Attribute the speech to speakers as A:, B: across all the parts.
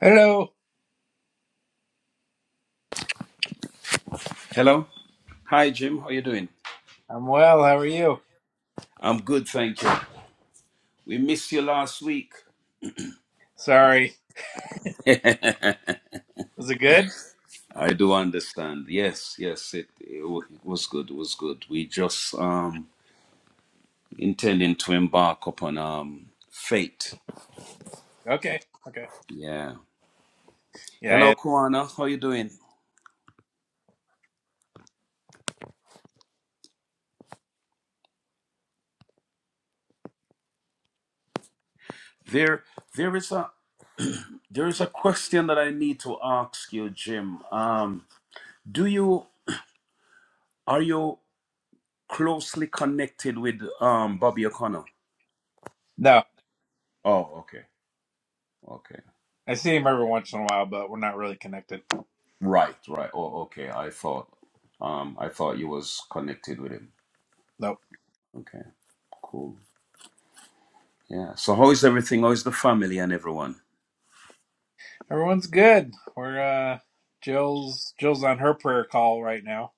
A: Hello.
B: Hello. Hi, Jim. How you doing?
A: I'm well. How are you?
B: I'm good, thank you. We missed you last week.
A: Sorry.
B: I
A: Was it good?
B: do understand. Yes, yes, it, it, wa- it was good. It was good. We just um intending to embark upon um fate.
A: Okay. Okay.
B: Yeah.
A: Yeah. I
B: Hello,
A: had,
B: Kwana. How you doing? There, there is a there is a question that I need to ask you, Jim. Um, do you are you closely connected with um Bobby O'Connor?
A: no.
B: Oh, okay, okay.
A: I see him every once in a while, but we're not really connected.
B: Right, right. Oh, okay. I thought, um, I thought you was connected with him.
A: Nope.
B: Okay, cool. Yeah. So how is everything? How is the family and everyone?
A: Everyone's good. We're uh, Jill's Jill's on her prayer call right now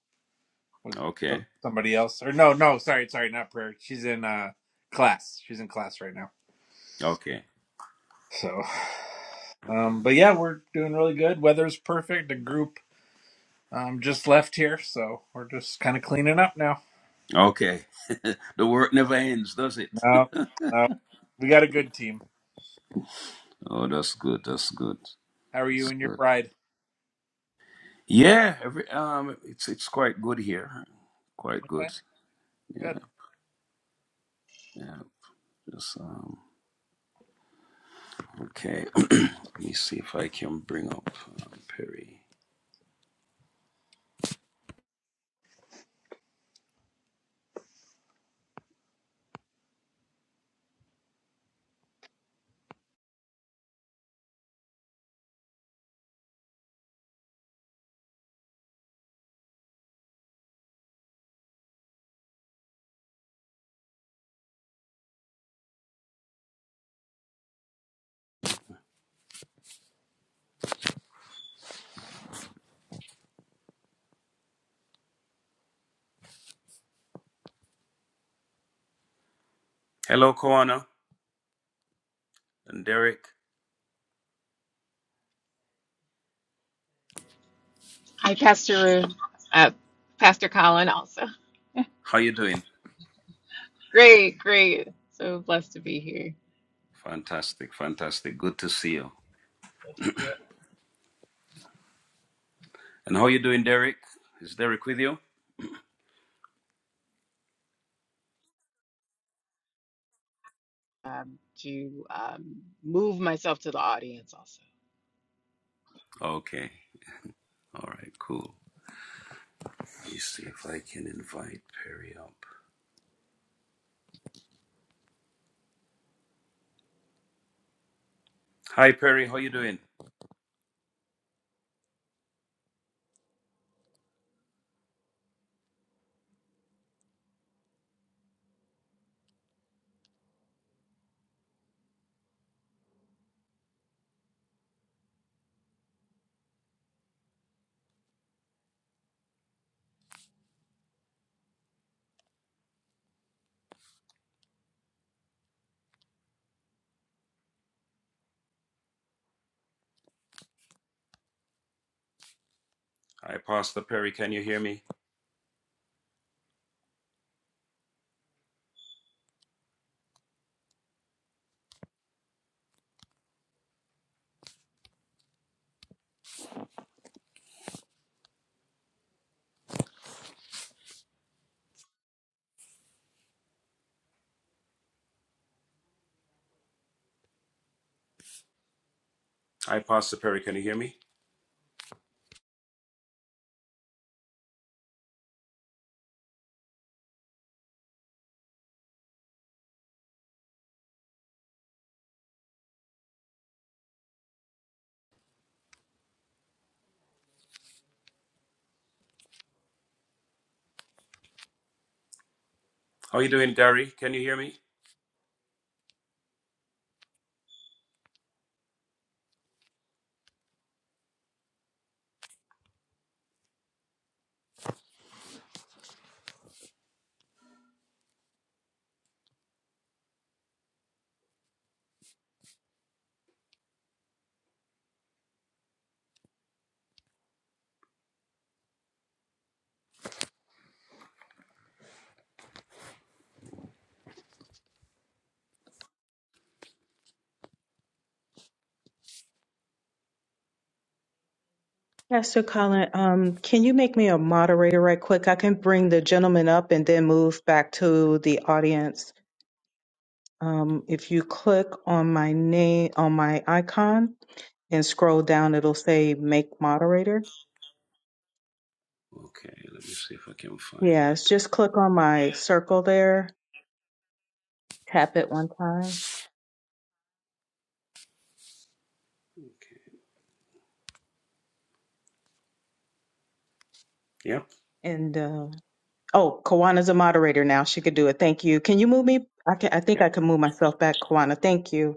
A: with
B: Okay,
A: some, somebody else. Or no, no. Sorry, sorry. Not prayer. She's in uh class. She's in class right now.
B: okay,
A: So, um, but yeah, we're doing really good. Weather's perfect. The group um just left here, so we're just kind of cleaning up now.
B: okay. The work never ends, does it?
A: No, no. We got a good team.
B: Oh, that's good. That's good.
A: How are you
B: That's
A: and your
B: good.
A: bride?
B: Yeah. Every um, it's it's quite good here. Quite
A: Okay,
B: good. Yeah,
A: good.
B: yeah. Just um. Okay. Let me see if I can bring up um, Perry. Hello, Koana and Derek.
C: Hi, Pastor Uh, Pastor Colin also.
B: How you doing?
C: Great, great. So blessed to be here
B: Fantastic, fantastic. Good to see you. And how are you doing, Derek? Is Derek with you?
C: um, to um, move myself to the audience also.
B: Okay. All right, cool. Let me see if I can invite Perry up. Hi, Perry. How you doing? Hi, Pastor Perry. Can you hear me? Hi, Pastor Perry. Can you hear me? How you doing, Gary? Can you hear me?
D: Pastor Colin, um, can you make me a moderator right quick? I can bring the gentleman up and then move back to the audience. Um, if you click on my name, on my icon and scroll down, it'll say make moderator.
B: Okay, let me see if I can find that.
D: Yes, just click on my circle there, tap it one time.
B: Okay. Yeah.
D: And, uh, oh, Kawana's a moderator now. She could do it. Thank you. Can you move me? I can, I think
B: Yeah.
D: I can move myself back, Kawana. Thank you.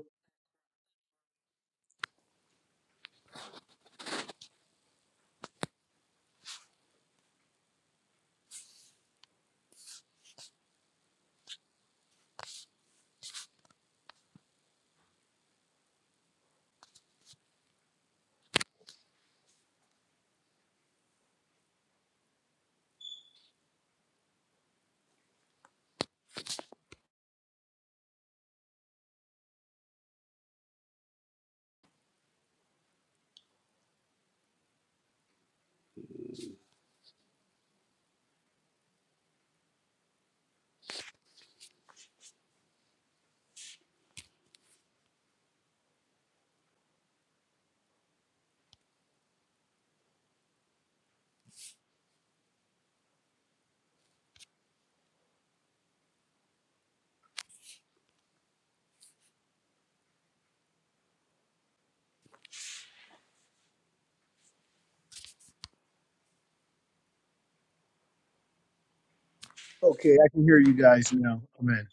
E: Okay, I can hear you guys now. Amen.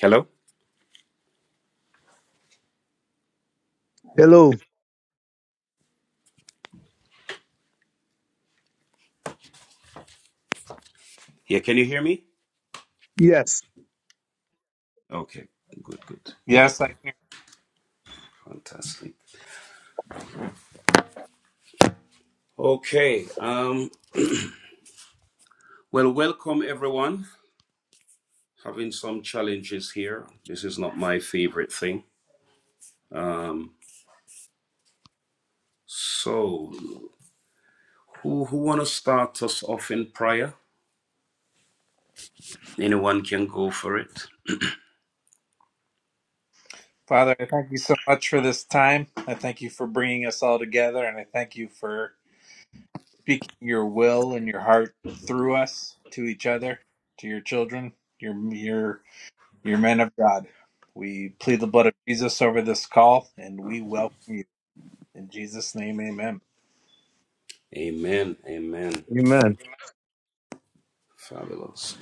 B: Hello.
E: Hello.
B: Yeah. Can you hear me?
E: Yes.
B: Okay. Good. Good.
A: Yes, I can.
B: Fantastic. Okay. Um. Well, welcome everyone. having some challenges here. This is not my favorite thing. Um, so, who who want to start us off in prayer? Anyone can go for it.
A: Father, I thank you so much for this time. I thank you for bringing us all together, and I thank you for speaking your will and your heart through us to each other, to your children, your your your men of God. We plead the blood of Jesus over this call, and we welcome you in Jesus' name. Amen.
B: Amen. Amen.
E: Amen.
B: Fabulous.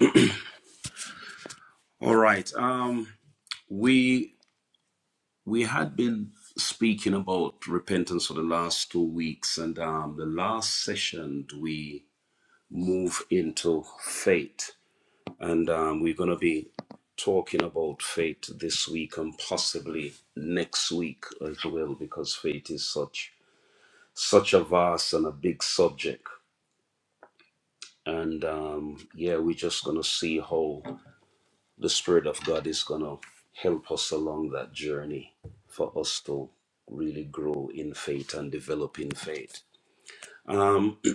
B: All right. Um, we we had been speaking about repentance for the last two weeks, and um, the last session we move into faith. And um, we're going to be talking about faith this week and possibly next week as well, because faith is such such a vast and a big subject. And um, yeah, we're just going to see how the Spirit of God is going to help us along that journey for us to really grow in faith and develop in faith. Um,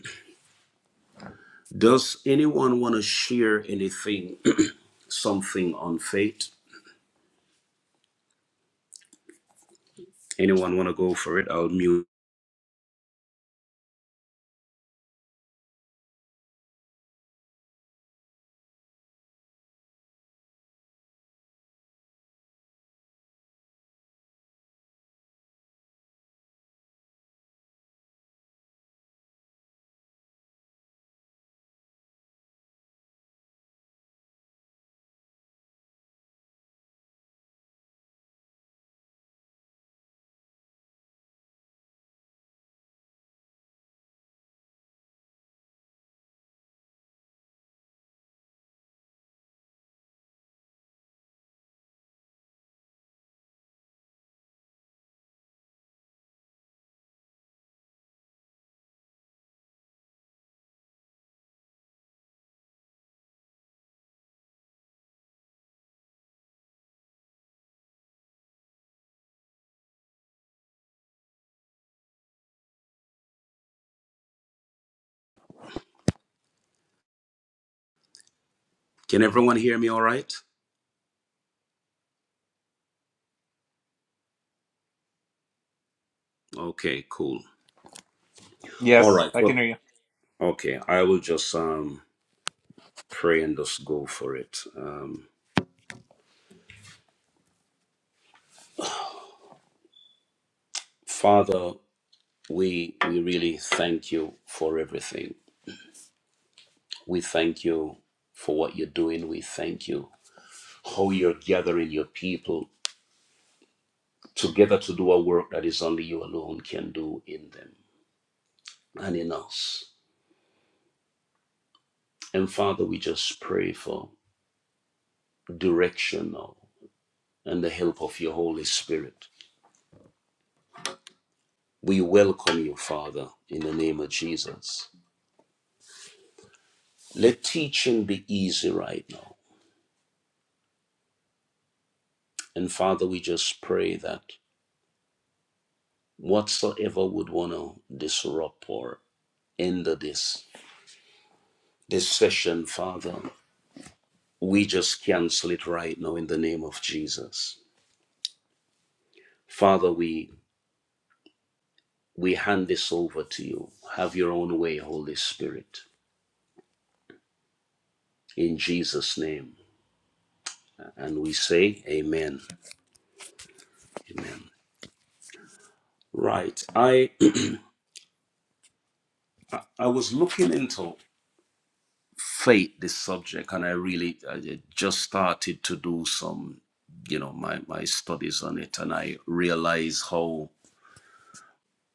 B: does anyone want to share anything, something on faith? Anyone want to go for it? I'll mute. Can everyone hear me all right? Okay, cool. All
A: Yes,
B: right.
A: I can
B: Well,
A: hear you.
B: okay. I will just um, pray and just go for it. Um, Father, we we really thank you for everything. We thank you for what you're doing. We thank you how you're gathering your people together to do a work that is only you alone can do in them and in us. And Father, we just pray for direction now and the help of your Holy Spirit We welcome you, Father, in the name of Jesus. Let teaching be easy right now. And Father, we just pray that whatsoever would want to disrupt or end this, this session, Father, we just cancel it right now in the name of Jesus. Father, we, we hand this over to you. Have your own way, Holy Spirit, in Jesus' name. And we say, Amen. Amen. Right. I I was looking into fate this subject and i really I just started to do some you know my my studies on it and i realize how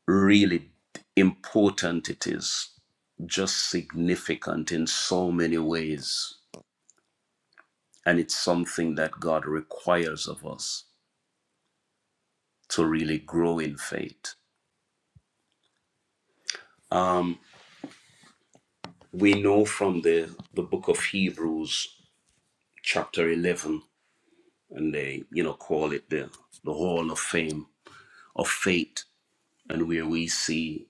B: really important it is just significant in so many ways and it's something that god requires of us to really grow in faith um we know from the the book of hebrews chapter 11 and they you know call it the the hall of fame of faith and where we see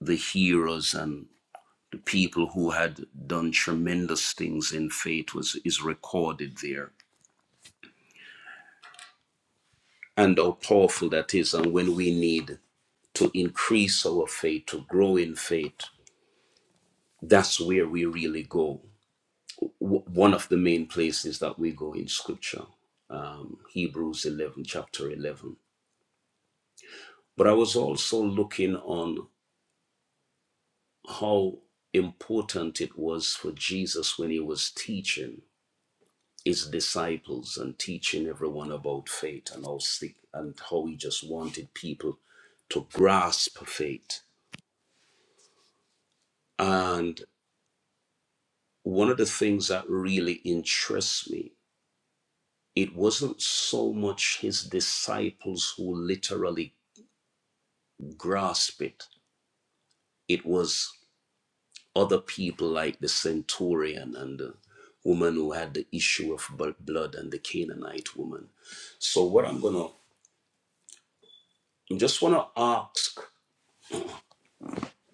B: the heroes and the people who had done tremendous things in faith was is recorded there and how powerful that is and when we need to increase our faith to grow in faith that's where we really go W- one of the main places that we go in scripture um, hebrews 11 chapter 11 but i was also looking on how important it was for jesus when he was teaching his disciples and teaching everyone about faith and how sick and how he just wanted people to grasp faith. And one of the things that really interests me, it wasn't so much his disciples who literally grasped it, it was other people like the centurion and the woman who had the issue of blood and the Canaanite woman. So, what I'm gonna I just want to ask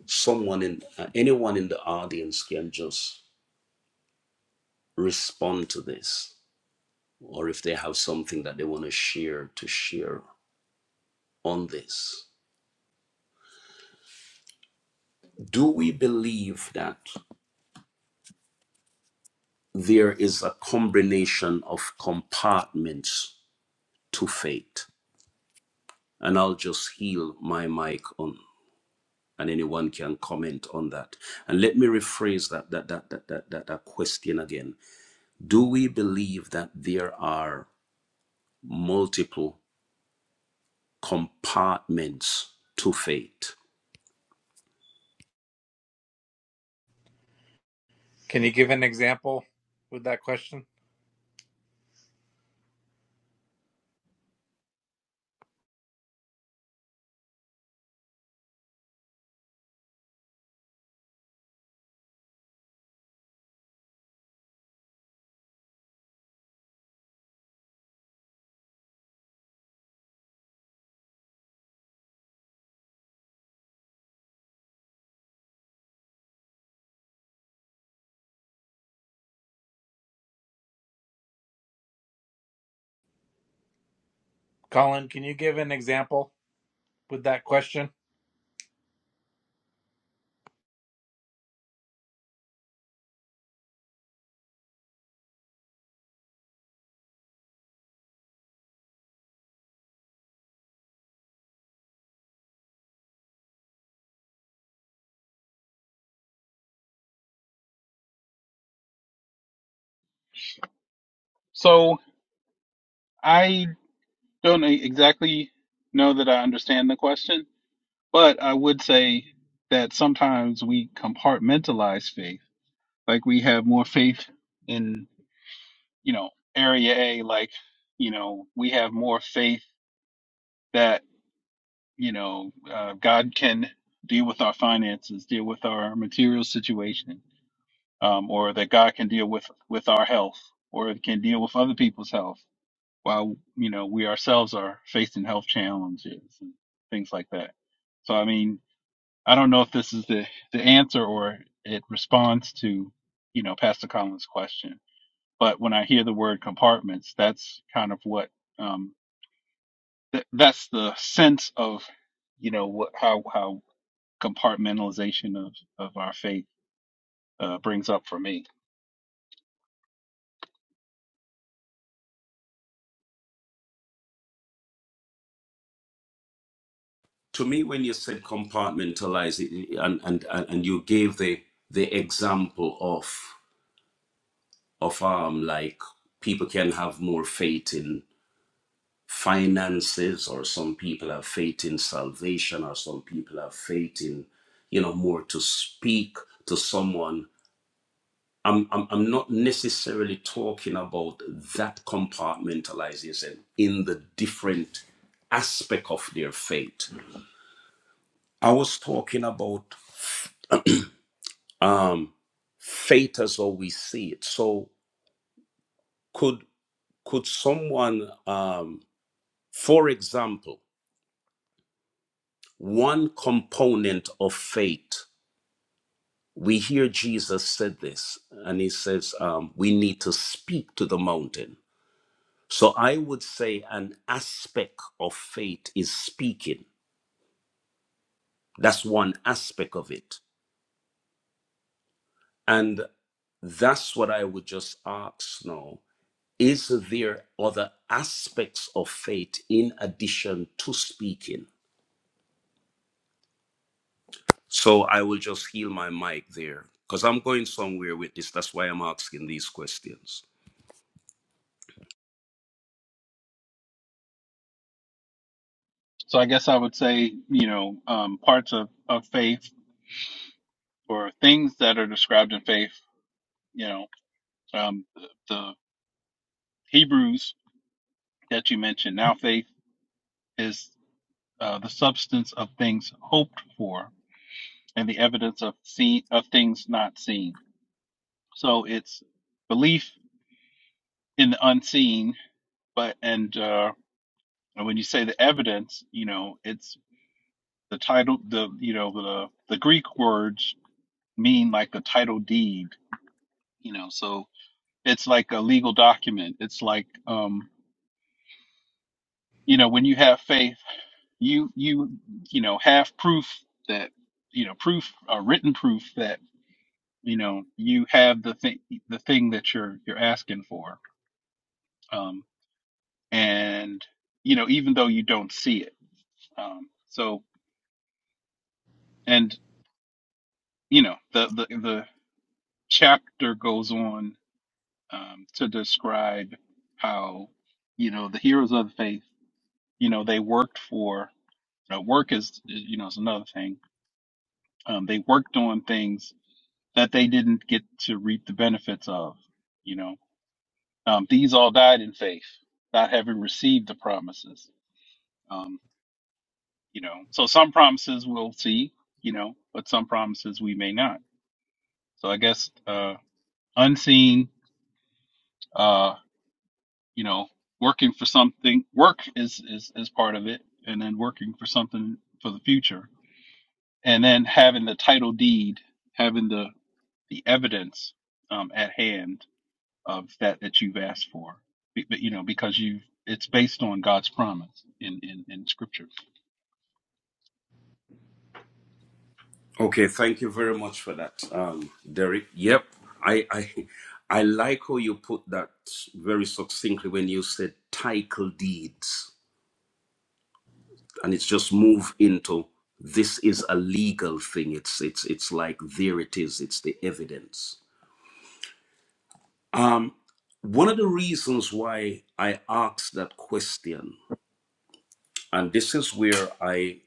B: someone in uh, anyone in the audience can just respond to this or if they have something that they want to share to share on this do we believe that there is a combination of compartments to faith and i'll just heal my mic on and anyone can comment on that and let me rephrase that that that that that, that, that question again do we believe that there are multiple compartments to faith.
A: Can you give an example with that question, Colin? Can you give an example with that question.
F: So I don't e-, exactly know that I understand the question, but I would say that sometimes we compartmentalize faith. Like we have more faith in, you know, area A, like, you know, we have more faith that, you know, uh, God can deal with our finances, deal with our material situation, um, or that God can deal with, with our health or can deal with other people's health while you know we ourselves are facing health challenges and things like that. So I mean, I don't know if this is the the answer or it responds to you know Pastor Collins' question, but when I hear the word compartments, that's kind of what um, th- that's the sense of you know what how how compartmentalization of of our faith uh, brings up for me.
B: To me, when you said compartmentalize it, and and and you gave the the example of of um like people can have more faith in finances, or some people have faith in salvation, or some people have faith in you know more to speak to someone. I'm I'm, I'm not necessarily talking about that compartmentalization in the different aspect of their faith. I was talking about um, fate as how we see it. So could could someone, um, for example, one component of fate? We hear Jesus said this, and he says um, we need to speak to the mountain. So I would say an aspect of fate is speaking. That's one aspect of it, and that's what I would just ask now. Is there other aspects of faith in addition to speaking? So I will just heal my mic there because I'm going somewhere with this. That's why I'm asking these questions.
F: So I guess I would say, you know, um, parts of, of faith or things that are described in faith, you know, um, the, the Hebrews that you mentioned. Now, faith is uh, the substance of things hoped for and the evidence of seen, of things not seen. So it's belief in the unseen, but and uh, and when you say the evidence, you know, it's the title, the you know, the the Greek words mean like the title deed, you know, so it's like a legal document. It's like um, you know, when you have faith, you you you know have proof that you know proof, uh, written proof that you know you have the thing the thing that you're you're asking for um and you know even though you don't see it Um, so, and you know, the the the chapter goes on um, to describe how you know the heroes of the faith, you know, they worked for you work is you know is another thing. Um, they worked on things that they didn't get to reap the benefits of. You know, um, these all died in faith, not having received the promises. Um, you know, so some promises we'll see, you know, but some promises we may not. So I guess uh, unseen Uh, you know, working for something, work is, is, is part of it, and then working for something for the future, and then having the title deed, having the, the evidence um, at hand of that that you've asked for, Be- but you know, because you it's based on God's promise in, in, in Scripture.
B: Okay, thank you very much for that, um, Derek. Yep, I, I, I like how you put that very succinctly when you said title deeds, and it's just move into this is a legal thing. It's it's it's like there it is. It's the evidence. Um, one of the reasons why I asked that question, and this is where I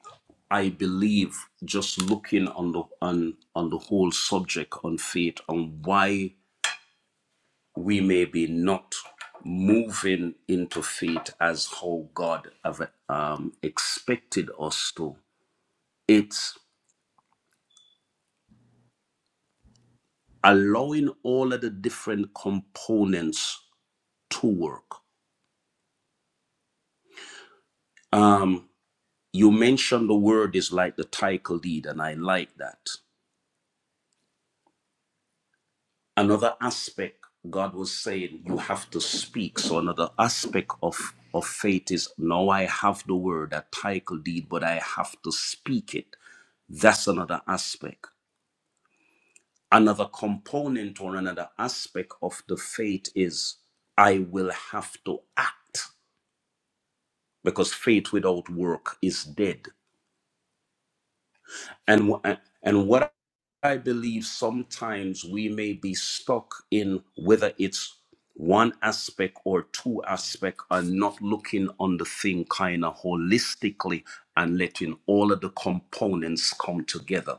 B: I believe just looking on the on on the whole subject on faith on why we may be not moving into faith as how God have um, expected us to. It's allowing all of the different components to work. Um, You mentioned the word is like the title deed, and I like that. Another aspect, God was saying, you have to speak. So another aspect of, of faith is now I have the word, a title deed, but I have to speak it. That's another aspect. Another component or another aspect of the faith is I will have to act because faith without work is dead. And, wh- and what I believe sometimes we may be stuck in whether it's one aspect or two aspect and not looking on the thing kind of holistically and letting all of the components come together.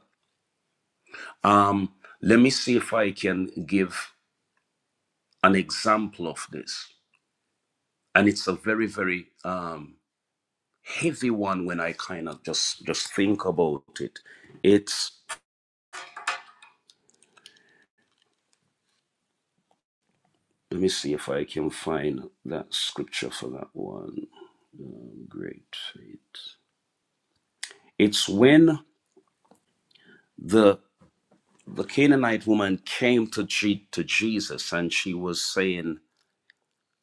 B: Um, let me see if I can give an example of this. And it's a very, very um, heavy one when I kind of just just think about it. It's let me see if I can find that scripture for that one. Um, Great faith. It's when the the Canaanite woman came to G, to Jesus and she was saying,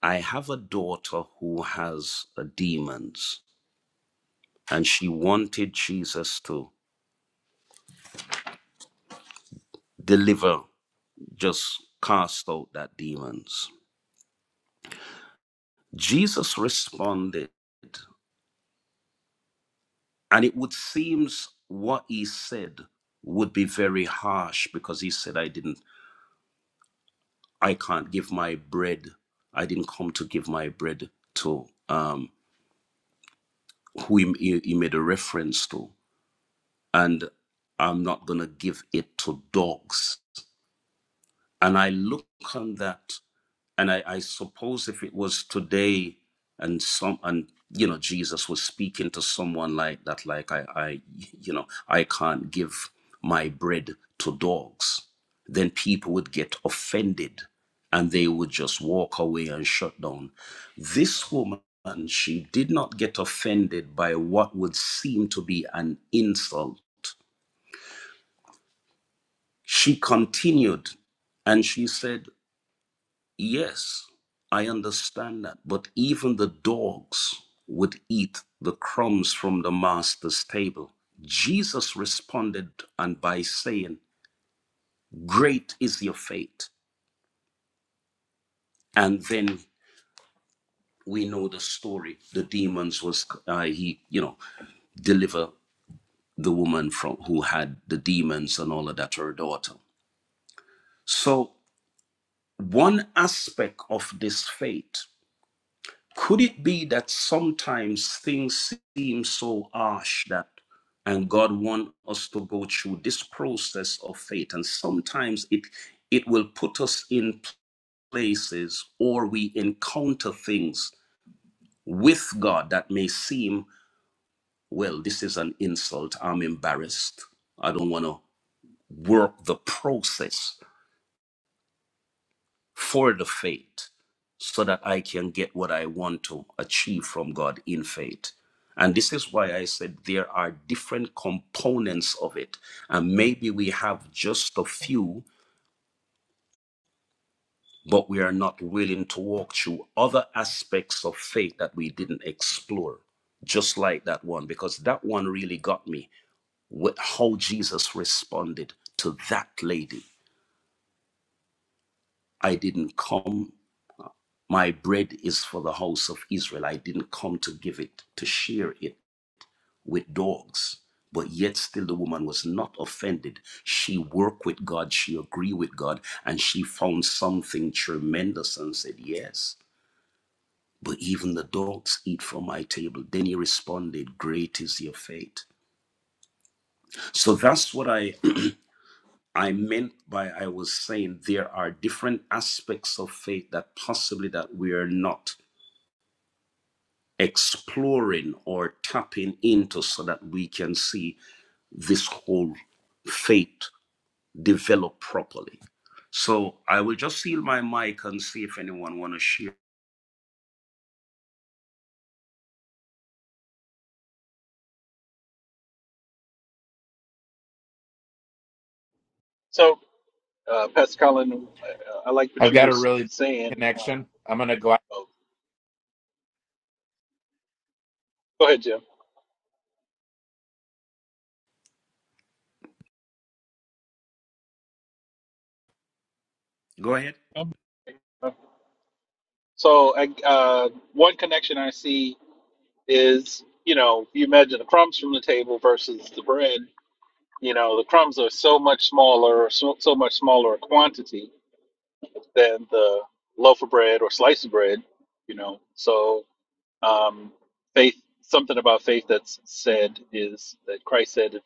B: "I have a daughter who has a demons," and she wanted Jesus to deliver, just cast out that demons. Jesus responded, and it would seems what he said would be very harsh because he said, "I didn't." I can't give my bread. I didn't come to give my bread to um, who he, he he made a reference to. And I'm not going to give it to dogs. And I look on that and I, I suppose if it was today and some and you know jesus was speaking to someone like that like i i you know i can't give my bread to dogs then people would get offended and they would just walk away and shut down this woman she did not get offended by what would seem to be an insult she continued and she said Yes, I understand that. But even the dogs would eat the crumbs from the master's table. Jesus responded and by saying, Great is your faith. And then we know the story. The demons was uh, he, you know, deliver the woman from who had the demons and all of that, her daughter. So one aspect of this faith Could it be that sometimes things seem so harsh that, and God wants us to go through this process of faith, and sometimes it it will put us in places or we encounter things with God that may seem, well, this is an insult. I'm embarrassed. I don't want to work the process. for the faith so that I can get what I want to achieve from God in faith. And this is why I said there are different components of it. And maybe we have just a few, but we are not willing to walk through other aspects of faith that we didn't explore, just like that one, because that one really got me with how Jesus responded to that lady. I didn't come My bread is for the house of Israel. I didn't come to give it, to share it with dogs. But yet still the woman was not offended. She worked with God, she agreed with God, and she found something tremendous and said, Yes, but even the dogs eat from my table. Then he responded, Great is your faith. So that's what I I meant by I was saying there are different aspects of faith that possibly that we are not exploring or tapping into so that we can see this whole faith develop properly. So I will just seal my mic and see if anyone want to share.
F: So Uh, Pastor Colin, I, I like what
A: I've
F: you were
A: got a
F: s-
A: really
F: saying. Uh,
A: connection. I'm gonna go.
F: oh, go ahead, Jim.
B: Go ahead.
F: Um, So, I, uh, one connection I see is, you know, you imagine the crumbs from the table versus the bread. You know, the crumbs are so much smaller, or so, so much smaller a quantity than the loaf of bread or slice of bread. You know, so um, faith, something about faith that's said is that Christ said, if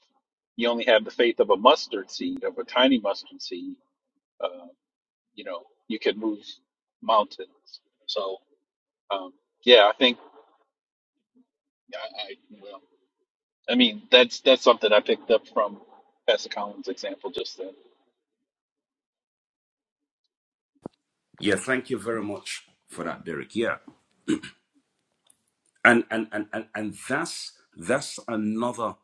F: you only have the faith of a mustard seed, of a tiny mustard seed uh, you know, you could move mountains. So, um, yeah, I think I, I well, I mean, that's that's something I picked up from Pastor Collins' example just then.
B: Yeah, thank you very much for that, Derek. Yeah, and and and and, and that's that's another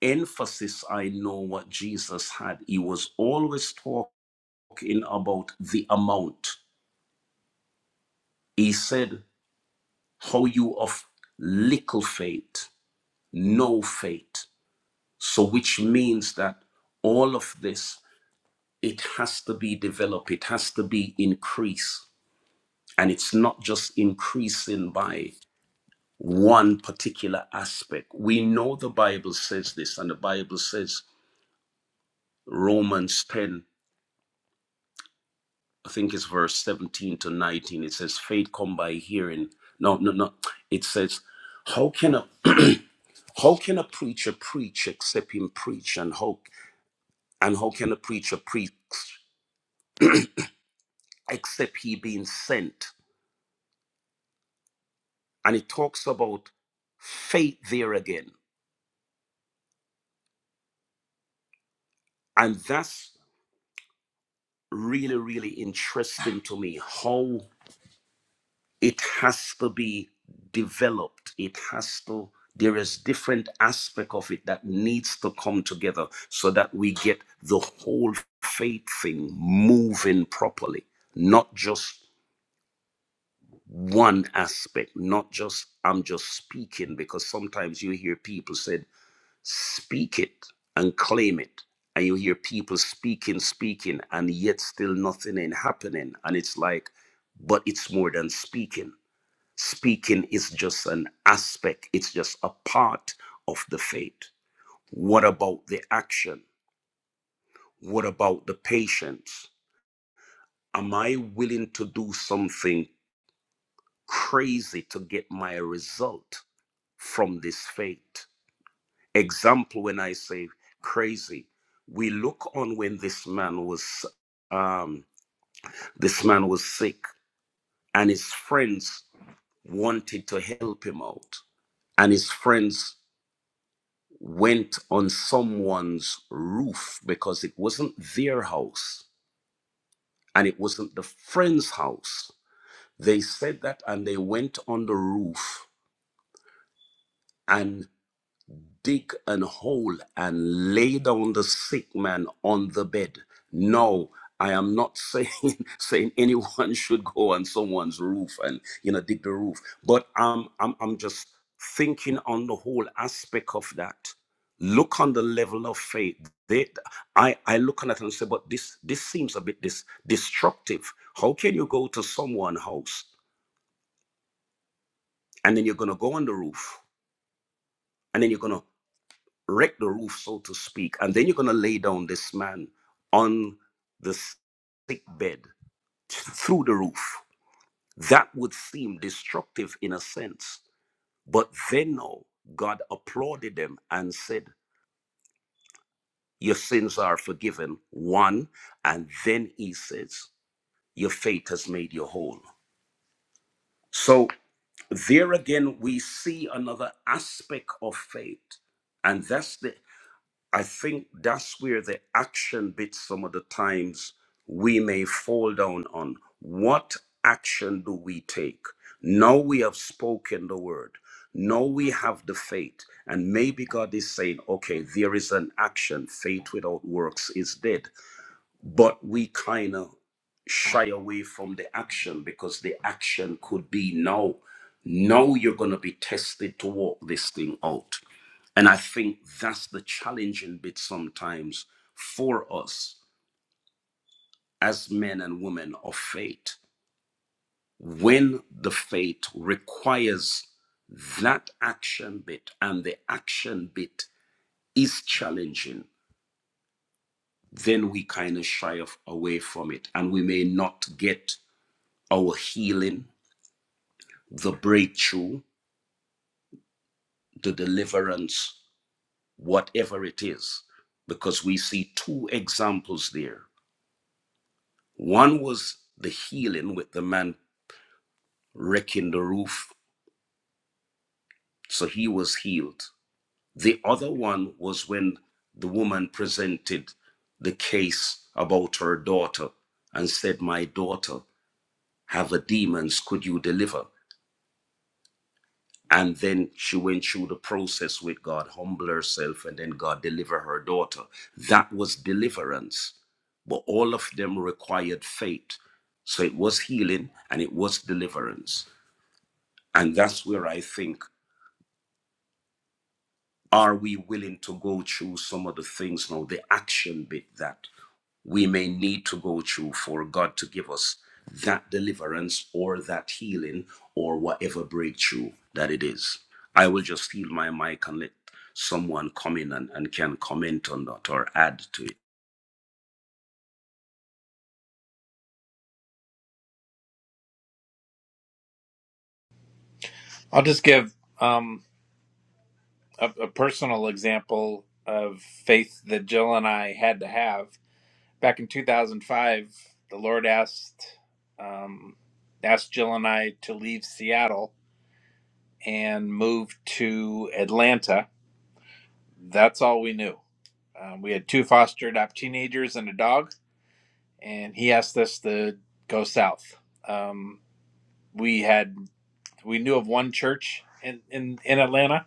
B: emphasis I know what Jesus had. He was always talking about the amount. He said, "How you of little faith." no faith. So, which means that all of this, it has to be developed, it has to be increased. And it's not just increasing by one particular aspect. We know the Bible says this, and the Bible says, Romans 10, I think it's verse 17 to 19, it says, faith come by hearing. No, no, no. It says, how can a how can a preacher preach except him preach and how and how can a preacher preach except he being sent. And it talks about faith there again. And that's really, really interesting to me how it has to be developed. It has to, there is different aspect of it that needs to come together so that we get the whole faith thing moving properly, not just one aspect, not just I'm just speaking, because sometimes you hear people said. Speak it and claim it. And you hear people speaking, speaking, and yet still nothing ain't happening. And it's like, but it's more than speaking. Speaking is just an aspect, it's just a part of the faith. What about the action? What about the patience? Am I willing to do something crazy to get my result from this faith? example when i say crazy we look on when this man was um this man was sick and his friends wanted to help him out and his friends went on someone's roof because it wasn't their house and it wasn't the friend's house they said that and they went on the roof and. dig an hole and lay down the sick man on the bed. No, I am not saying saying anyone should go on someone's roof and you know dig the roof, but I'm I'm I'm just thinking on the whole aspect of that. Look on the level of faith. They, I, I look on it and say, but this this seems a bit dis, destructive. How can you go to someone's house and then you're gonna go on the roof and then you're gonna wreck the roof, so to speak. And then you're going to lay down this man on the sick bed through the roof. That would seem destructive in a sense. But then, no, God applauded them and said, Your sins are forgiven, one. And then he says, Your faith has made you whole. So, there again, we see another aspect of faith. And that's the I think that's where the action bit some of the times we may fall down on. What action do we take? Now we have spoken the word. Now we have the faith. And maybe God is saying, okay, there is an action. Faith without works is dead but we kind of shy away from the action because the action could be now now you're going to be tested to walk this thing out and i think that's the challenging bit sometimes for us as men and women of faith when the faith requires that action bit and the action bit is challenging then we kind of shy of, away from it and we may not get our healing, the breakthrough, the deliverance, whatever it is. Because we see two examples there. One was the healing with the man wrecking the roof, so he was healed. The other one was when the woman presented the case about her daughter and said, My daughter, have a demons, could you deliver? and then she went through the process with God, humble herself, and then God deliver her daughter. That was deliverance, but all of them required faith. So it was healing and it was deliverance, and that's where I think. Are we willing to go through some of the things now, the action bit that we may need to go through for God to give us that deliverance or that healing or whatever breakthrough that it is? I will just heal my mic and let someone come in and, and can comment on that or add to it.
A: I'll just give um, a, a personal example of faith that Jill and I had to have back in 2005. The Lord asked um, asked Jill and I to leave Seattle and move to Atlanta. That's all we knew. Um, we had two foster adopt teenagers and a dog, and He asked us to go south. Um, we had we knew of one church in, in, in Atlanta.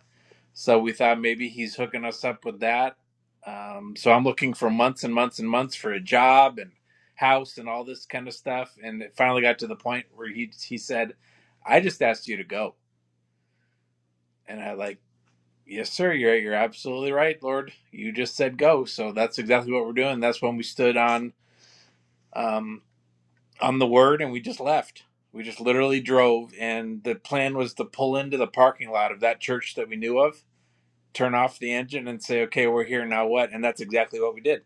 A: So we thought maybe he's hooking us up with that. Um, so I'm looking for months and months and months for a job and house and all this kind of stuff. And it finally got to the point where he, he said, I just asked you to go. And I like, yes, sir. You're, you're absolutely right, Lord. You just said go. So that's exactly what we're doing. That's when we stood on, um, on the word and we just left. We just literally drove, and the plan was to pull into the parking lot of that church that we knew of turn off the engine and say, okay, we're here now what? And that's exactly what we did.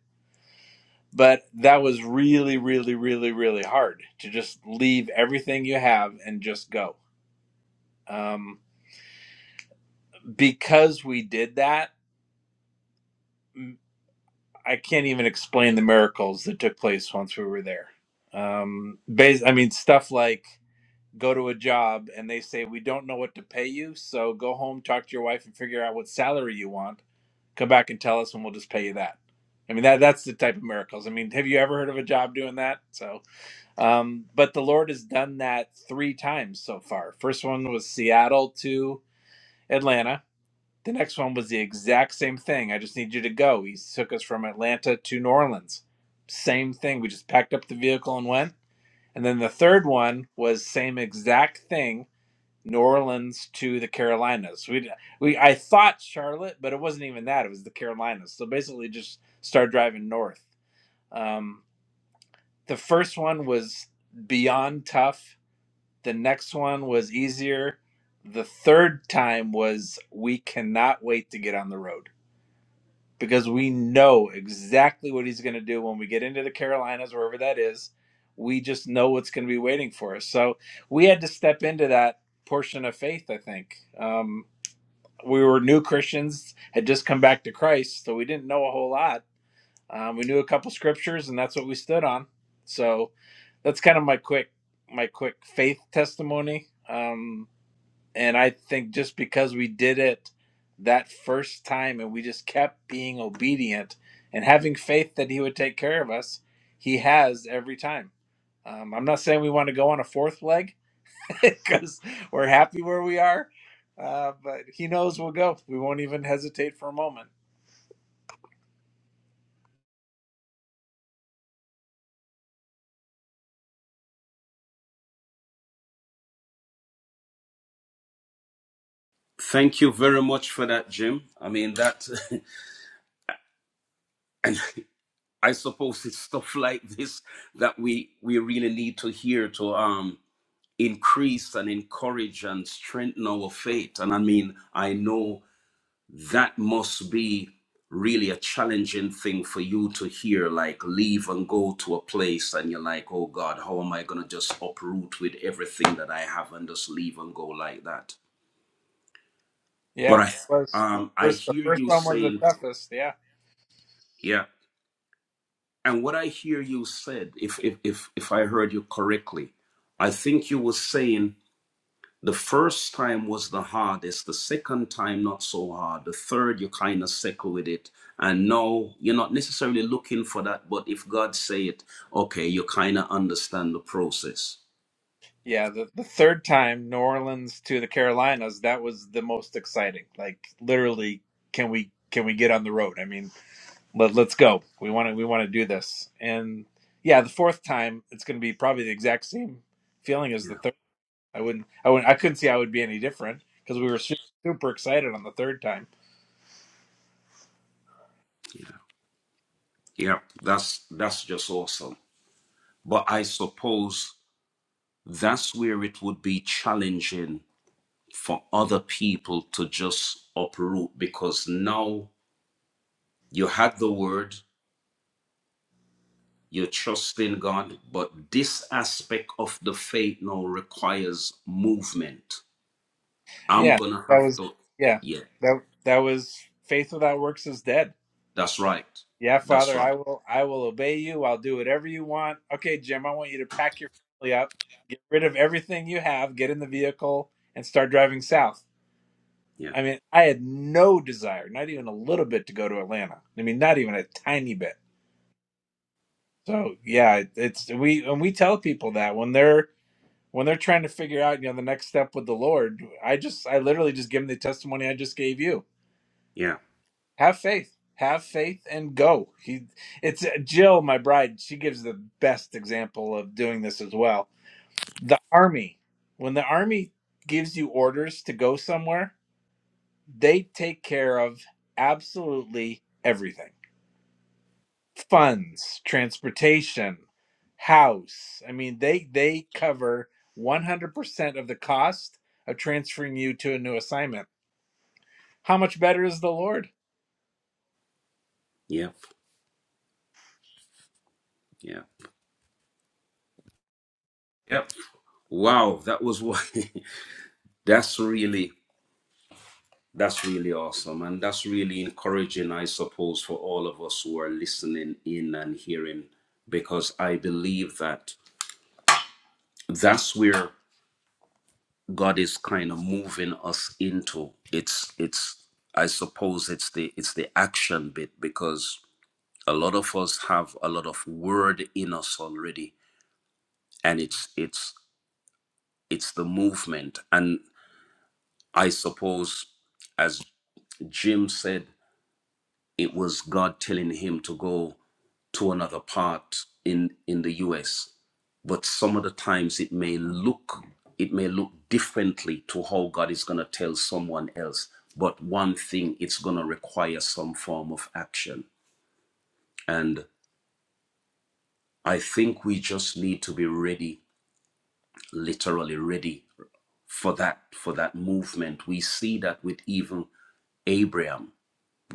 A: But that was really, really, really, really hard to just leave everything you have and just go. Um, because we did that, I I can't even explain the miracles that took place once we were there. Um, bas- I mean, stuff like go to a job and they say, we don't know what to pay you. So go home, talk to your wife, and figure out what salary you want Come back and tell us, and we'll just pay you that. I mean, that that's the type of miracles. I mean, have you ever heard of a job doing that? So, um, but the Lord has done that three times so far. First one was Seattle to Atlanta. The next one was the exact same thing. I just need you to go. He took us from Atlanta to New Orleans. Same thing. We just packed up the vehicle and went. And then the third one was same exact thing New Orleans to the Carolinas. We we I thought Charlotte, but it wasn't even that. It was the Carolinas. So basically, just start driving north. Um, the first one was beyond tough. The next one was easier. The third time was we cannot wait to get on the road because we know exactly what he's going to do when we get into the Carolinas, wherever that is. We just know what's going to be waiting for us. So we had to step into that portion of faith, I think. Um, we were new Christians, had just come back to Christ, so we didn't know a whole lot. Um, we knew a couple scriptures, and that's what we stood on. So that's kind of my quick my quick faith testimony. Um, and I think just because we did it that first time, and we just kept being obedient and having faith that He would take care of us, He has every time. Um, I'm not saying we want to go on a fourth leg because we're happy where we are. Uh, but he knows we'll go. We won't even hesitate for a moment.
B: Thank you very much for that, Jim. I mean that, and I suppose it's stuff like this that we we really need to hear to um increase and encourage and strengthen our faith. And I mean, I know that must be really a challenging thing for you to hear, like leave and go to a place, and you're like, oh God, how am I going to just uproot with everything that I have and just leave and go like that? But
A: Yeah,
B: I,
A: was the
B: um, I
A: first the
B: hear
A: first
B: you
A: one was the
B: saying,
A: toughest. Yeah,
B: yeah. And what I hear you said, if if if if I heard you correctly, I think you were saying The first time was the hardest, the second time not so hard, the third you kind of settle with it. And now you're not necessarily looking for that, but if God say it, okay, you kind of understand the process.
A: yeah. The the third time, New Orleans to the Carolinas, that was the most exciting. Like literally, can we can we get on the road? I mean, let, let's go. We want to we want to do this. And yeah, the fourth time, it's going to be probably the exact same feeling as the
B: Yeah,
A: third. I wouldn't I wouldn't I couldn't see how it would be any different because we were super, super excited on the third time
B: yeah, yeah. That's that's just awesome. But I suppose that's where it would be challenging for other people to just uproot because now you had the word You trust in God, but this aspect of the faith now requires movement. I'm
A: Yeah,
B: gonna
A: that
B: have
A: was
B: to,
A: yeah.
B: yeah,
A: That that was faith without works is dead.
B: that's right.
A: Yeah,
B: That's
A: Father, I
B: right.
A: will I will obey you. I'll do whatever you want. Okay, Jim, I want you to pack your family up, get rid of everything you have, get in the vehicle and start driving south.
B: Yeah,
A: I mean, I had no desire, not even a little bit to go to Atlanta. I mean, not even a tiny bit. So, yeah, it- it's we and we tell people that when they're when they're trying to figure out, you know, the next step with the Lord, I just I literally just give them the testimony I just gave you
B: yeah,
A: Have faith. Have faith and go. He, it's uh, Jill, my bride. She gives the best example of doing this as well. The army, when the army gives you orders to go somewhere, they take care of absolutely everything: funds, transportation, house. I mean, they they cover 100% of the cost of transferring you to a new assignment. How much better is the Lord?
B: yeah, yeah, yep. Wow, that was what that's really that's really awesome and that's really encouraging, I suppose, for all of us who are listening in and hearing, because I believe that that's where God is kind of moving us into. It's it's I suppose it's the it's the action bit because a lot of us have a lot of word in us already and it's it's it's the movement and I suppose as Jim said it was God telling him to go to another part in in the US. But some of the times it may look it may look differently to how God is going to tell someone else. But one thing it's going to require some form of action. And I think we just need to be ready, literally ready for that for that movement. We see that with even Abraham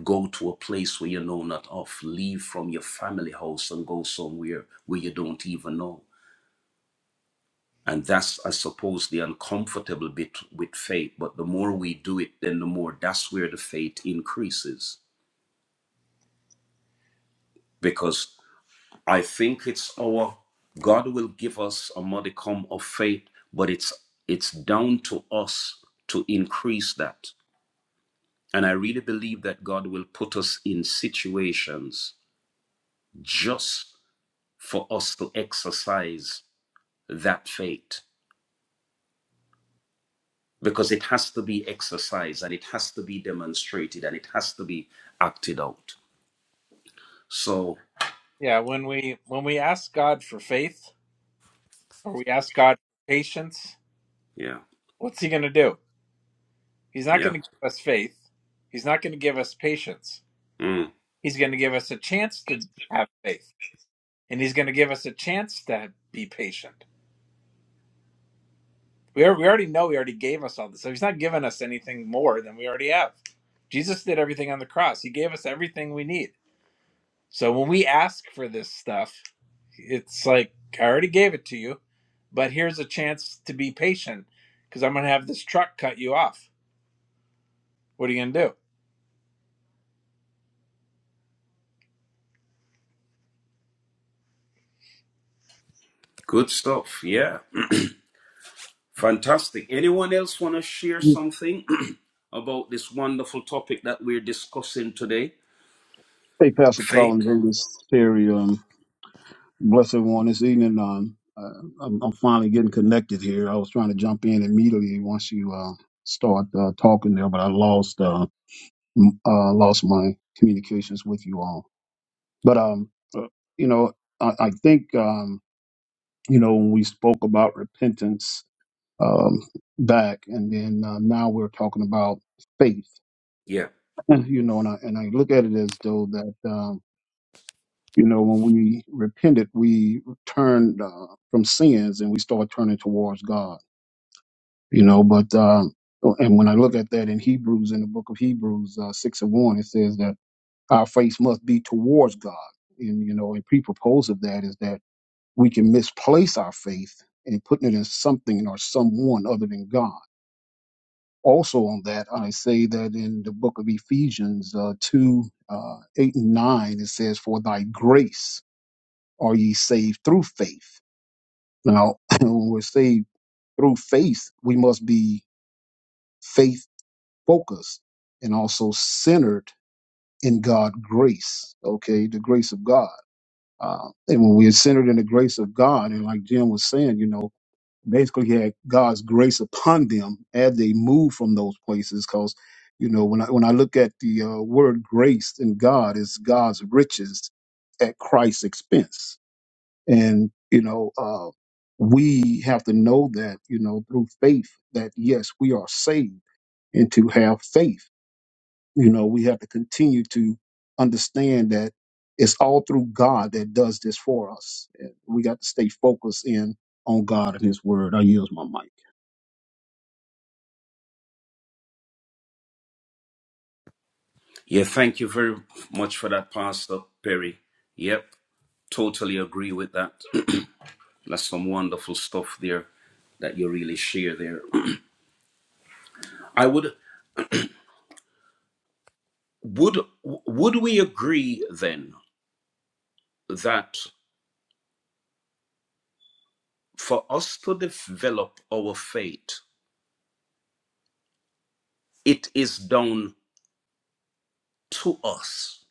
B: Go to a place where you know not of. Leave from your family house and go somewhere where you don't even know. And that's, I suppose, the uncomfortable bit with faith. But the more we do it, then the more that's where the faith increases. Because I think it's our God will give us a modicum of faith, but it's it's down to us to increase that. And I really believe that God will put us in situations just for us to exercise that faith because it has to be exercised and it has to be demonstrated and it has to be acted out. So,
A: Yeah, when we when we ask God for faith or we ask God for patience,
B: yeah,
A: what's He going to do? He's not going
B: yeah.
A: to give us faith. He's not going to give us patience.
B: Mm,
A: He's going to give us a chance to have faith, and He's going to give us a chance to be patient. We, are, we already know He already gave us all this, so He's not giving us anything more than we already have. Jesus did everything on the cross. He gave us everything we need. So when we ask for this stuff, it's like I already gave it to you, but here's a chance to be patient because I'm going to have this truck cut you off. What are you going to do?
B: good stuff. Yeah. Fantastic. Anyone else want to share something about this wonderful topic that we're discussing today?
G: Hey, Pastor
B: Faith.
G: Collins, on this very um, blessed one this evening. Um, uh, I'm, I'm finally getting connected here. I was trying to jump in immediately once you uh, start uh, talking there, but I lost uh, m- uh, lost my communications with you all. But um, uh, you know, I, I think um, you know when we spoke about repentance um, back, and then uh, now we're talking about faith.
B: Yeah.
G: You know, and I and I look at it as though that. Um, You know, when we repented, we turned uh, from sins and we started turning towards God. You know, but um, and when I look at that in Hebrews, in the book of Hebrews uh, six and one, it says that our faith must be towards God. And you know, a pre-propose of that is that we can misplace our faith and putting it in something or someone other than God. Also, on that, I say that in the book of Ephesians uh, two uh, eight and nine, it says, "For thy grace." are ye saved through faith? Now, when we're saved through faith, we must be faith focused and also centered in God' grace, okay, the grace of God. Uh, and when we're centered in the grace of God, and like Jim was saying, you know, basically he had God's grace upon them as they move from those places, because you know, when I when I look at the uh, word grace in God is God's riches at Christ's expense And, you know, uh, we have to know that, you know, through faith that yes, we are saved and to have faith. You know, we have to continue to understand that it's all through God that does this for us. And we got to stay focused in on God and his word. I use my mic.
B: Yeah. Thank you very much for that, Pastor Perry. Yep. Totally agree with that. That's some wonderful stuff there that you really share there. I would would would we agree then that for us to develop our faith, it is down to us,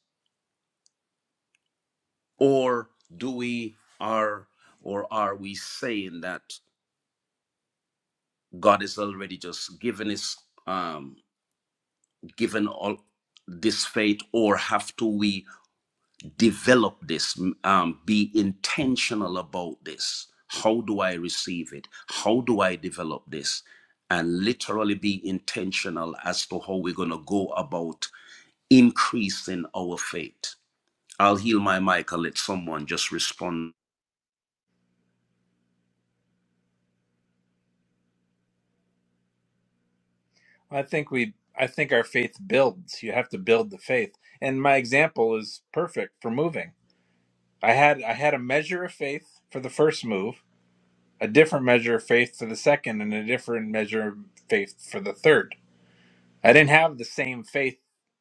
B: or do we are or are we saying that God has already just given us um, given all this faith, or have to we develop this um, be intentional about this how do i receive it how do i develop this and literally be intentional as to how we're going to go about increasing our faith i'll heal my mic and let someone just respond
A: I think we I think our faith builds. You have to build the faith. And my example is perfect for moving. I had I had a measure of faith for the first move, a different measure of faith for the second, and a different measure of faith for the third. I didn't have the same faith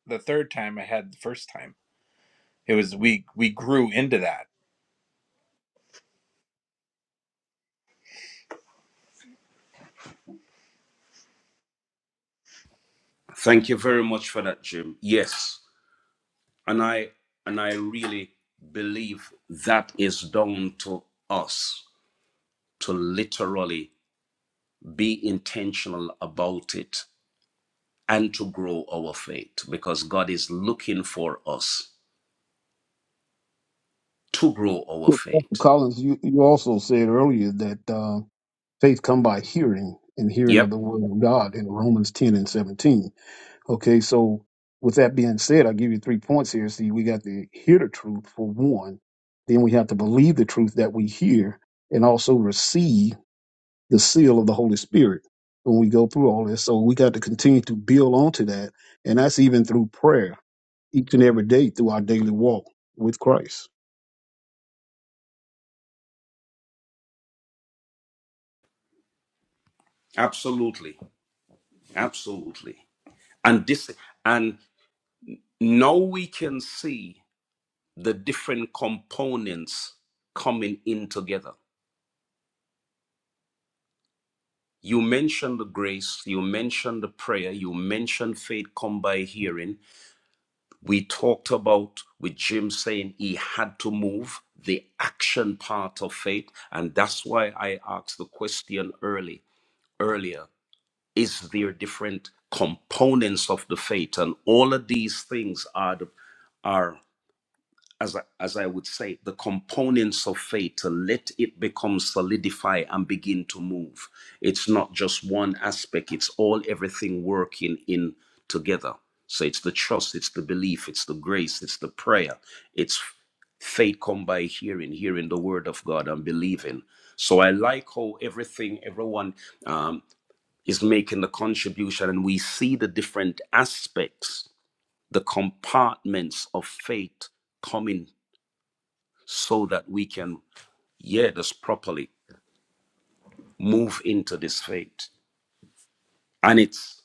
A: the third time I had the first time. It was we we grew into that.
B: thank you very much for that jim yes and i and i really believe that is down to us to literally be intentional about it and to grow our faith because God is looking for us to grow our
G: Well, Pastor
B: faith.
G: Collins, you, you also said earlier that uh, faith come by hearing and hearing of
B: Yep,
G: the word of God in Romans 10 and 17 Okay, so with that being said, I'll give you three points here. See, we got to hear the truth for one. Then we have to believe the truth that we hear and also receive the seal of the Holy Spirit when we go through all this. So we got to continue to build onto that. And that's even through prayer each and every day through our daily walk with Christ.
B: absolutely. Absolutely. And this and now we can see the different components coming in together. You mentioned the grace, you mentioned the prayer, you mentioned faith come by hearing, We talked about with Jim saying he had to move the action part of faith. And that's why I asked the question early earlier. Is there different components of the faith? And all of these things are the, are as I, as I would say, the components of faith to let it become solidify and begin to move. It's not just one aspect, it's all everything working in together. So it's the trust, it's the belief, it's the grace, it's the prayer. It's faith come by hearing, hearing the word of God and believing. So I like how everything, everyone um, is making the contribution and we see the different aspects, the compartments of faith coming so that we can yeah just properly move into this faith and it's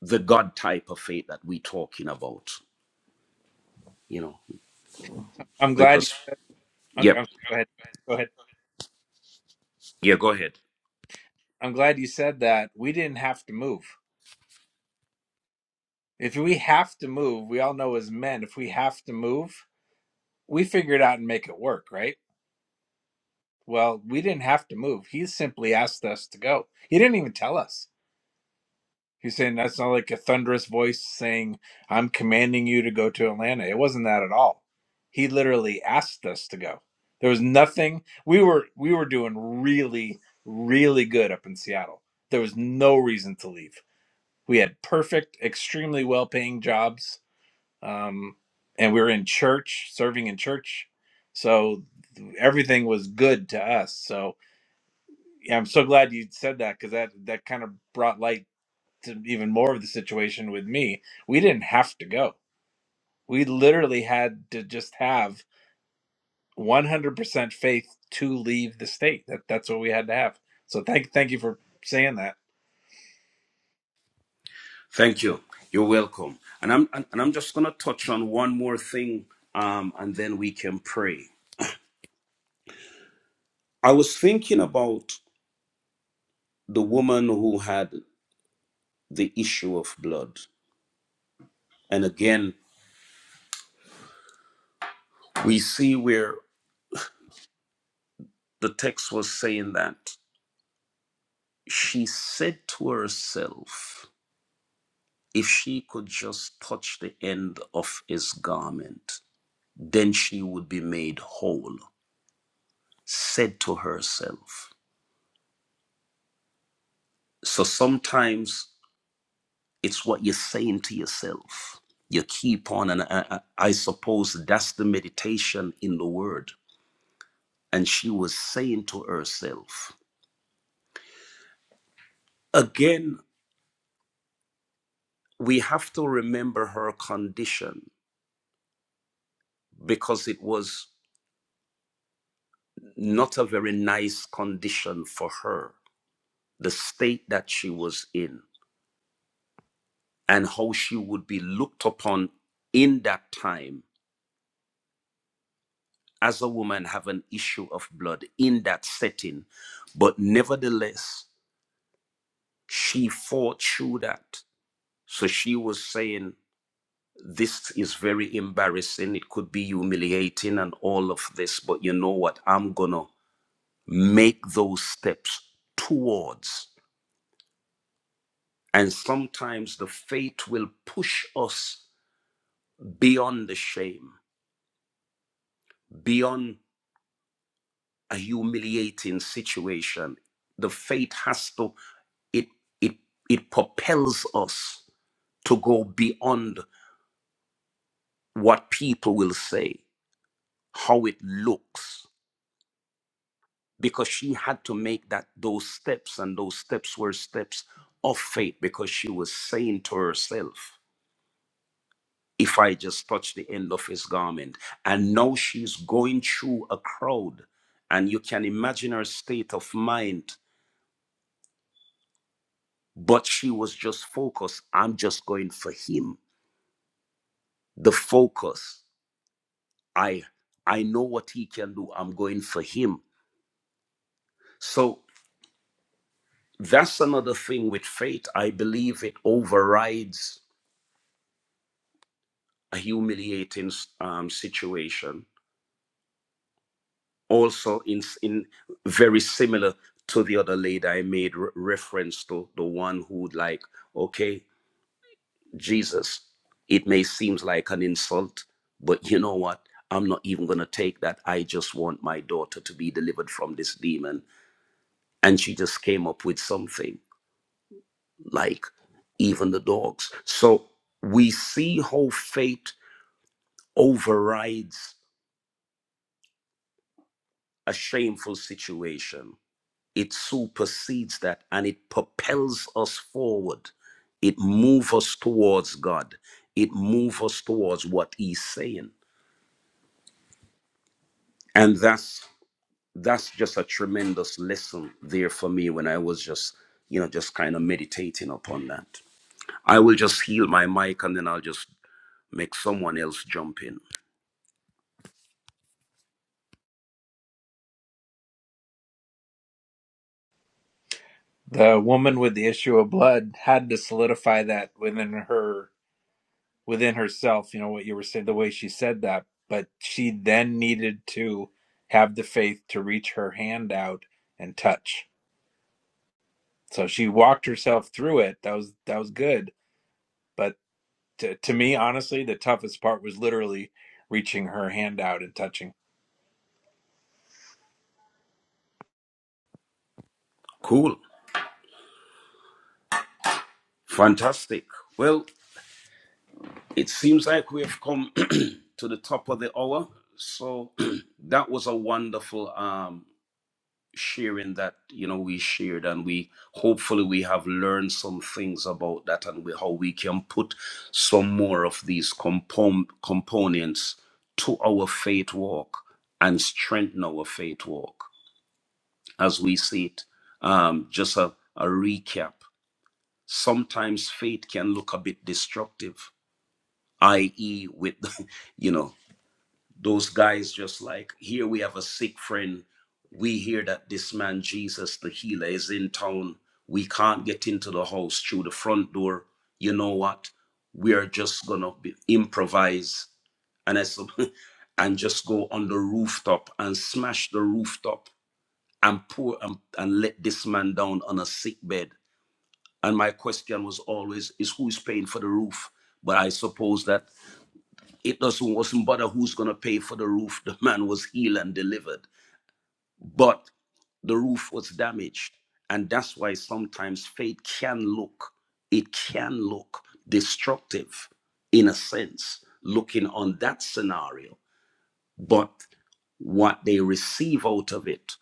B: the god type of faith that we're talking about you know
A: I'm glad
B: because
A: I'm,
B: yep
A: I'm, go ahead. Go ahead.
B: yeah, yeah, go ahead
A: I'm glad you said that. We didn't have to move. If we have to move, we all know as men, if we have to move, we figure it out and make it work, right? Well, we didn't have to move. He simply asked us to go. He didn't even tell us. He's saying that's not like a thunderous voice saying, I'm commanding you to go to Atlanta. It wasn't that at all. He literally asked us to go. There was nothing we were we were doing really, really good up in Seattle. There was no reason to leave. We had perfect, extremely well paying jobs um, and we were in church, serving in church, so everything was good to us. So yeah, I'm so glad you said that because that that kind of brought light to even more of the situation with me. We didn't have to go. We literally had to just have 100% faith to leave the state. That that's what we had to have. So thank thank you for saying that.
B: thank you you're welcome and i'm and and i'm just gonna touch on one more thing um and then we can pray i was thinking about the woman who had the issue of blood and again we see where the text was saying that she said to herself If she could just touch the end of his garment, then she would be made whole, said to herself. So sometimes it's what you're saying to yourself. You keep on, and I, I suppose that's the meditation in the word. And she was saying to herself, again, we have to remember her condition because it was not a very nice condition for her, the state that she was in. and how she would be looked upon in that time as a woman have an issue of blood in that setting but nevertheless she fought through that so she was saying this is very embarrassing it could be humiliating and all of this but you know what i'm gonna make those steps towards and sometimes the fate will push us beyond the shame beyond a humiliating situation. The faith has to it it it propels us to go beyond what people will say, how it looks, because she had to make that those steps, and those steps were steps of faith, because she was saying to herself, "If I just touch the end of his garment," and now she's going through a crowd, and you can imagine her state of mind But she was just focused. I'm just going for him. The focus. I I know what he can do. I'm going for him. So that's another thing with faith. I believe it overrides a humiliating um, situation. Also, in in very similar to the other lady I made re- reference to, the one who like, okay, Jesus, it may seem like an insult, but you know what? I'm not even going to take that. I just want my daughter to be delivered from this demon. And she just came up with something like, even the dogs. So we see how faith overrides a shameful situation, it supersedes that and it propels us forward. It moves us towards God, it moves us towards what He's saying. And that's that's just a tremendous lesson there for me when I was just, you know, just kind of meditating upon that. I will just heal my mic and then I'll just make someone else jump in.
A: The woman with the issue of blood had to solidify that within her within herself, you know, what you were saying, the way she said that, but she then needed to have the faith to reach her hand out and touch. So she walked herself through it. That was that was good. But to, to me, honestly, the toughest part was literally reaching her hand out and touching.
B: Cool. Fantastic. Well, it seems like we have come to the top of the hour. So that was a wonderful um sharing that you know we shared and we hopefully we have learned some things about that and we, how we can put some more of these compon- components to our faith walk and strengthen our faith walk as we see it um, just a, a recap sometimes faith can look a bit destructive i.e with you know those guys just like here we have a sick friend we hear that this man jesus the healer is in town we can't get into the house through the front door you know what we are just gonna improvise and I said, and just go on the rooftop and smash the rooftop and pour and, and let this man down on a sick bed. And my question was always, is who's paying for the roof? But I suppose that it doesn't wasn't bother who's gonna pay for the roof. The man was healed and delivered, but the roof was damaged, and that's why sometimes faith can look, it can look destructive, in a sense, looking on that scenario. But what they receive out of it,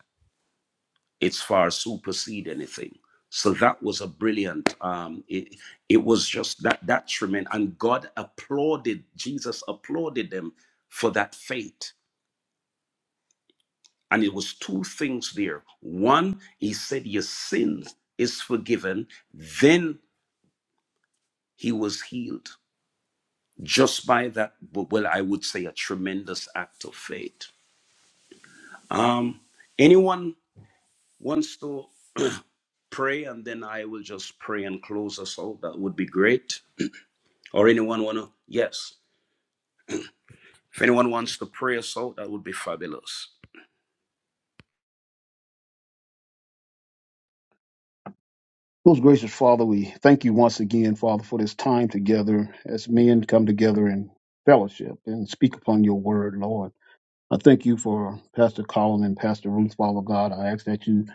B: it's far supersede anything. So that was a brilliant. Um, it, it was just that that tremendous, and God applauded. Jesus applauded them for that faith. And it was two things there. One, he said, Your sin is forgiven. Then he was healed just by that, well, I would say a tremendous act of faith. Um, anyone wants to pray and then I will just pray and close us out? That would be great. Or anyone want to? Yes. If anyone wants to pray us out, that would be fabulous.
G: Most gracious Father, we thank you once again, Father, for this time together as men come together in fellowship and speak upon your word, Lord. I thank you for Pastor Colin and Pastor Ruth, Father God. I ask that you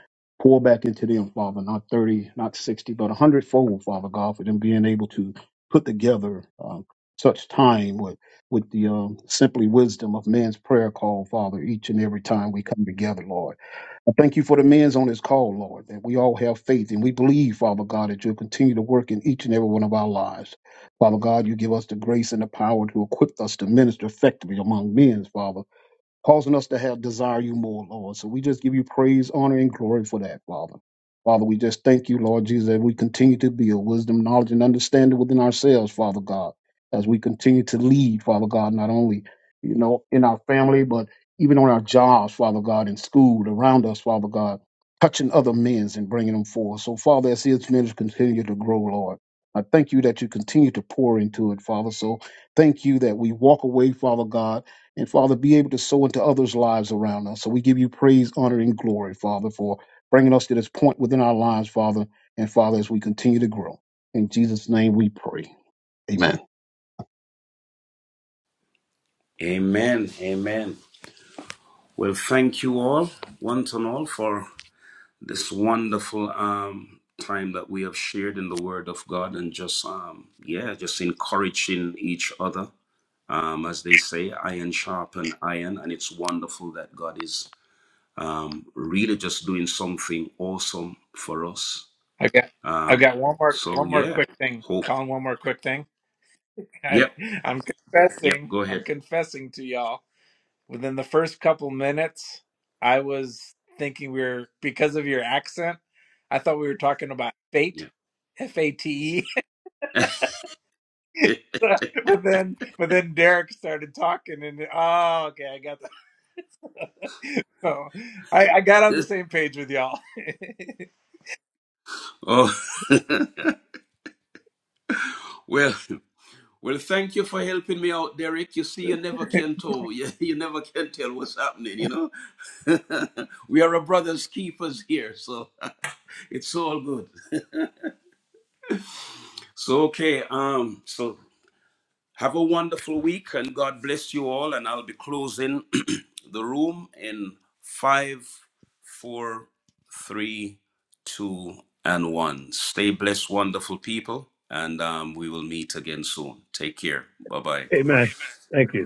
G: pour back into them, Father, not 30, not 60, but a hundredfold, Father God, for them being able to put together um, such time with, with the um, simply wisdom of man's prayer call, Father, each and every time we come together, Lord. I thank you for the men's on this call, Lord, that we all have faith and we believe, Father God, that you'll continue to work in each and every one of our lives. Father God, you give us the grace and the power to equip us to minister effectively among men, Father causing us to have desire you more, Lord. So we just give you praise, honor, and glory for that, Father. Father, we just thank you, Lord Jesus, that we continue to build wisdom, knowledge, and understanding within ourselves, Father God, as we continue to lead, Father God, not only, you know, in our family, but even on our jobs, Father God, in school, around us, Father God, touching other men's and bringing them forth. So, Father, as his ministry continue to grow, Lord, I thank you that you continue to pour into it, Father. So thank you that we walk away, Father God, and Father, be able to sow into others' lives around us. So we give you praise, honor, and glory, Father, for bringing us to this point within our lives, Father. And Father, as we continue to grow. In Jesus' name we pray. Amen.
B: Amen. Amen. Well, thank you all, once and all, for this wonderful um, time that we have shared in the Word of God and just, um, yeah, just encouraging each other. Um, as they say, iron sharpen iron. And it's wonderful that God is um, really just doing something awesome for us.
A: I got I
B: Um,
A: got one more
B: so,
A: one more
B: yeah,
A: quick thing.
B: hope.
A: Colin, one more quick thing. I,
B: Yep,
A: I'm
B: yep,
A: confessing.
B: go
A: I'm
B: ahead.
A: confessing to y'all. Within the first couple minutes, I was thinking we were because of your accent, I thought we were talking about fate,
B: Yeah.
A: F A T E. But then, but then Derek started talking, and oh, okay, I got that. So I, I got on the same page with y'all.
B: oh, well. Well, thank you for helping me out, Derek. You see, you never can tell. You, you never can tell what's happening, you know? we are a brother's keepers here, so it's all good. So, okay, um, so have a wonderful week and God bless you all. And I'll be closing the room in five, four, three, two, and one. Stay blessed, wonderful people, and um, we will meet again soon. Take care. Bye bye.
E: Amen. Thank you.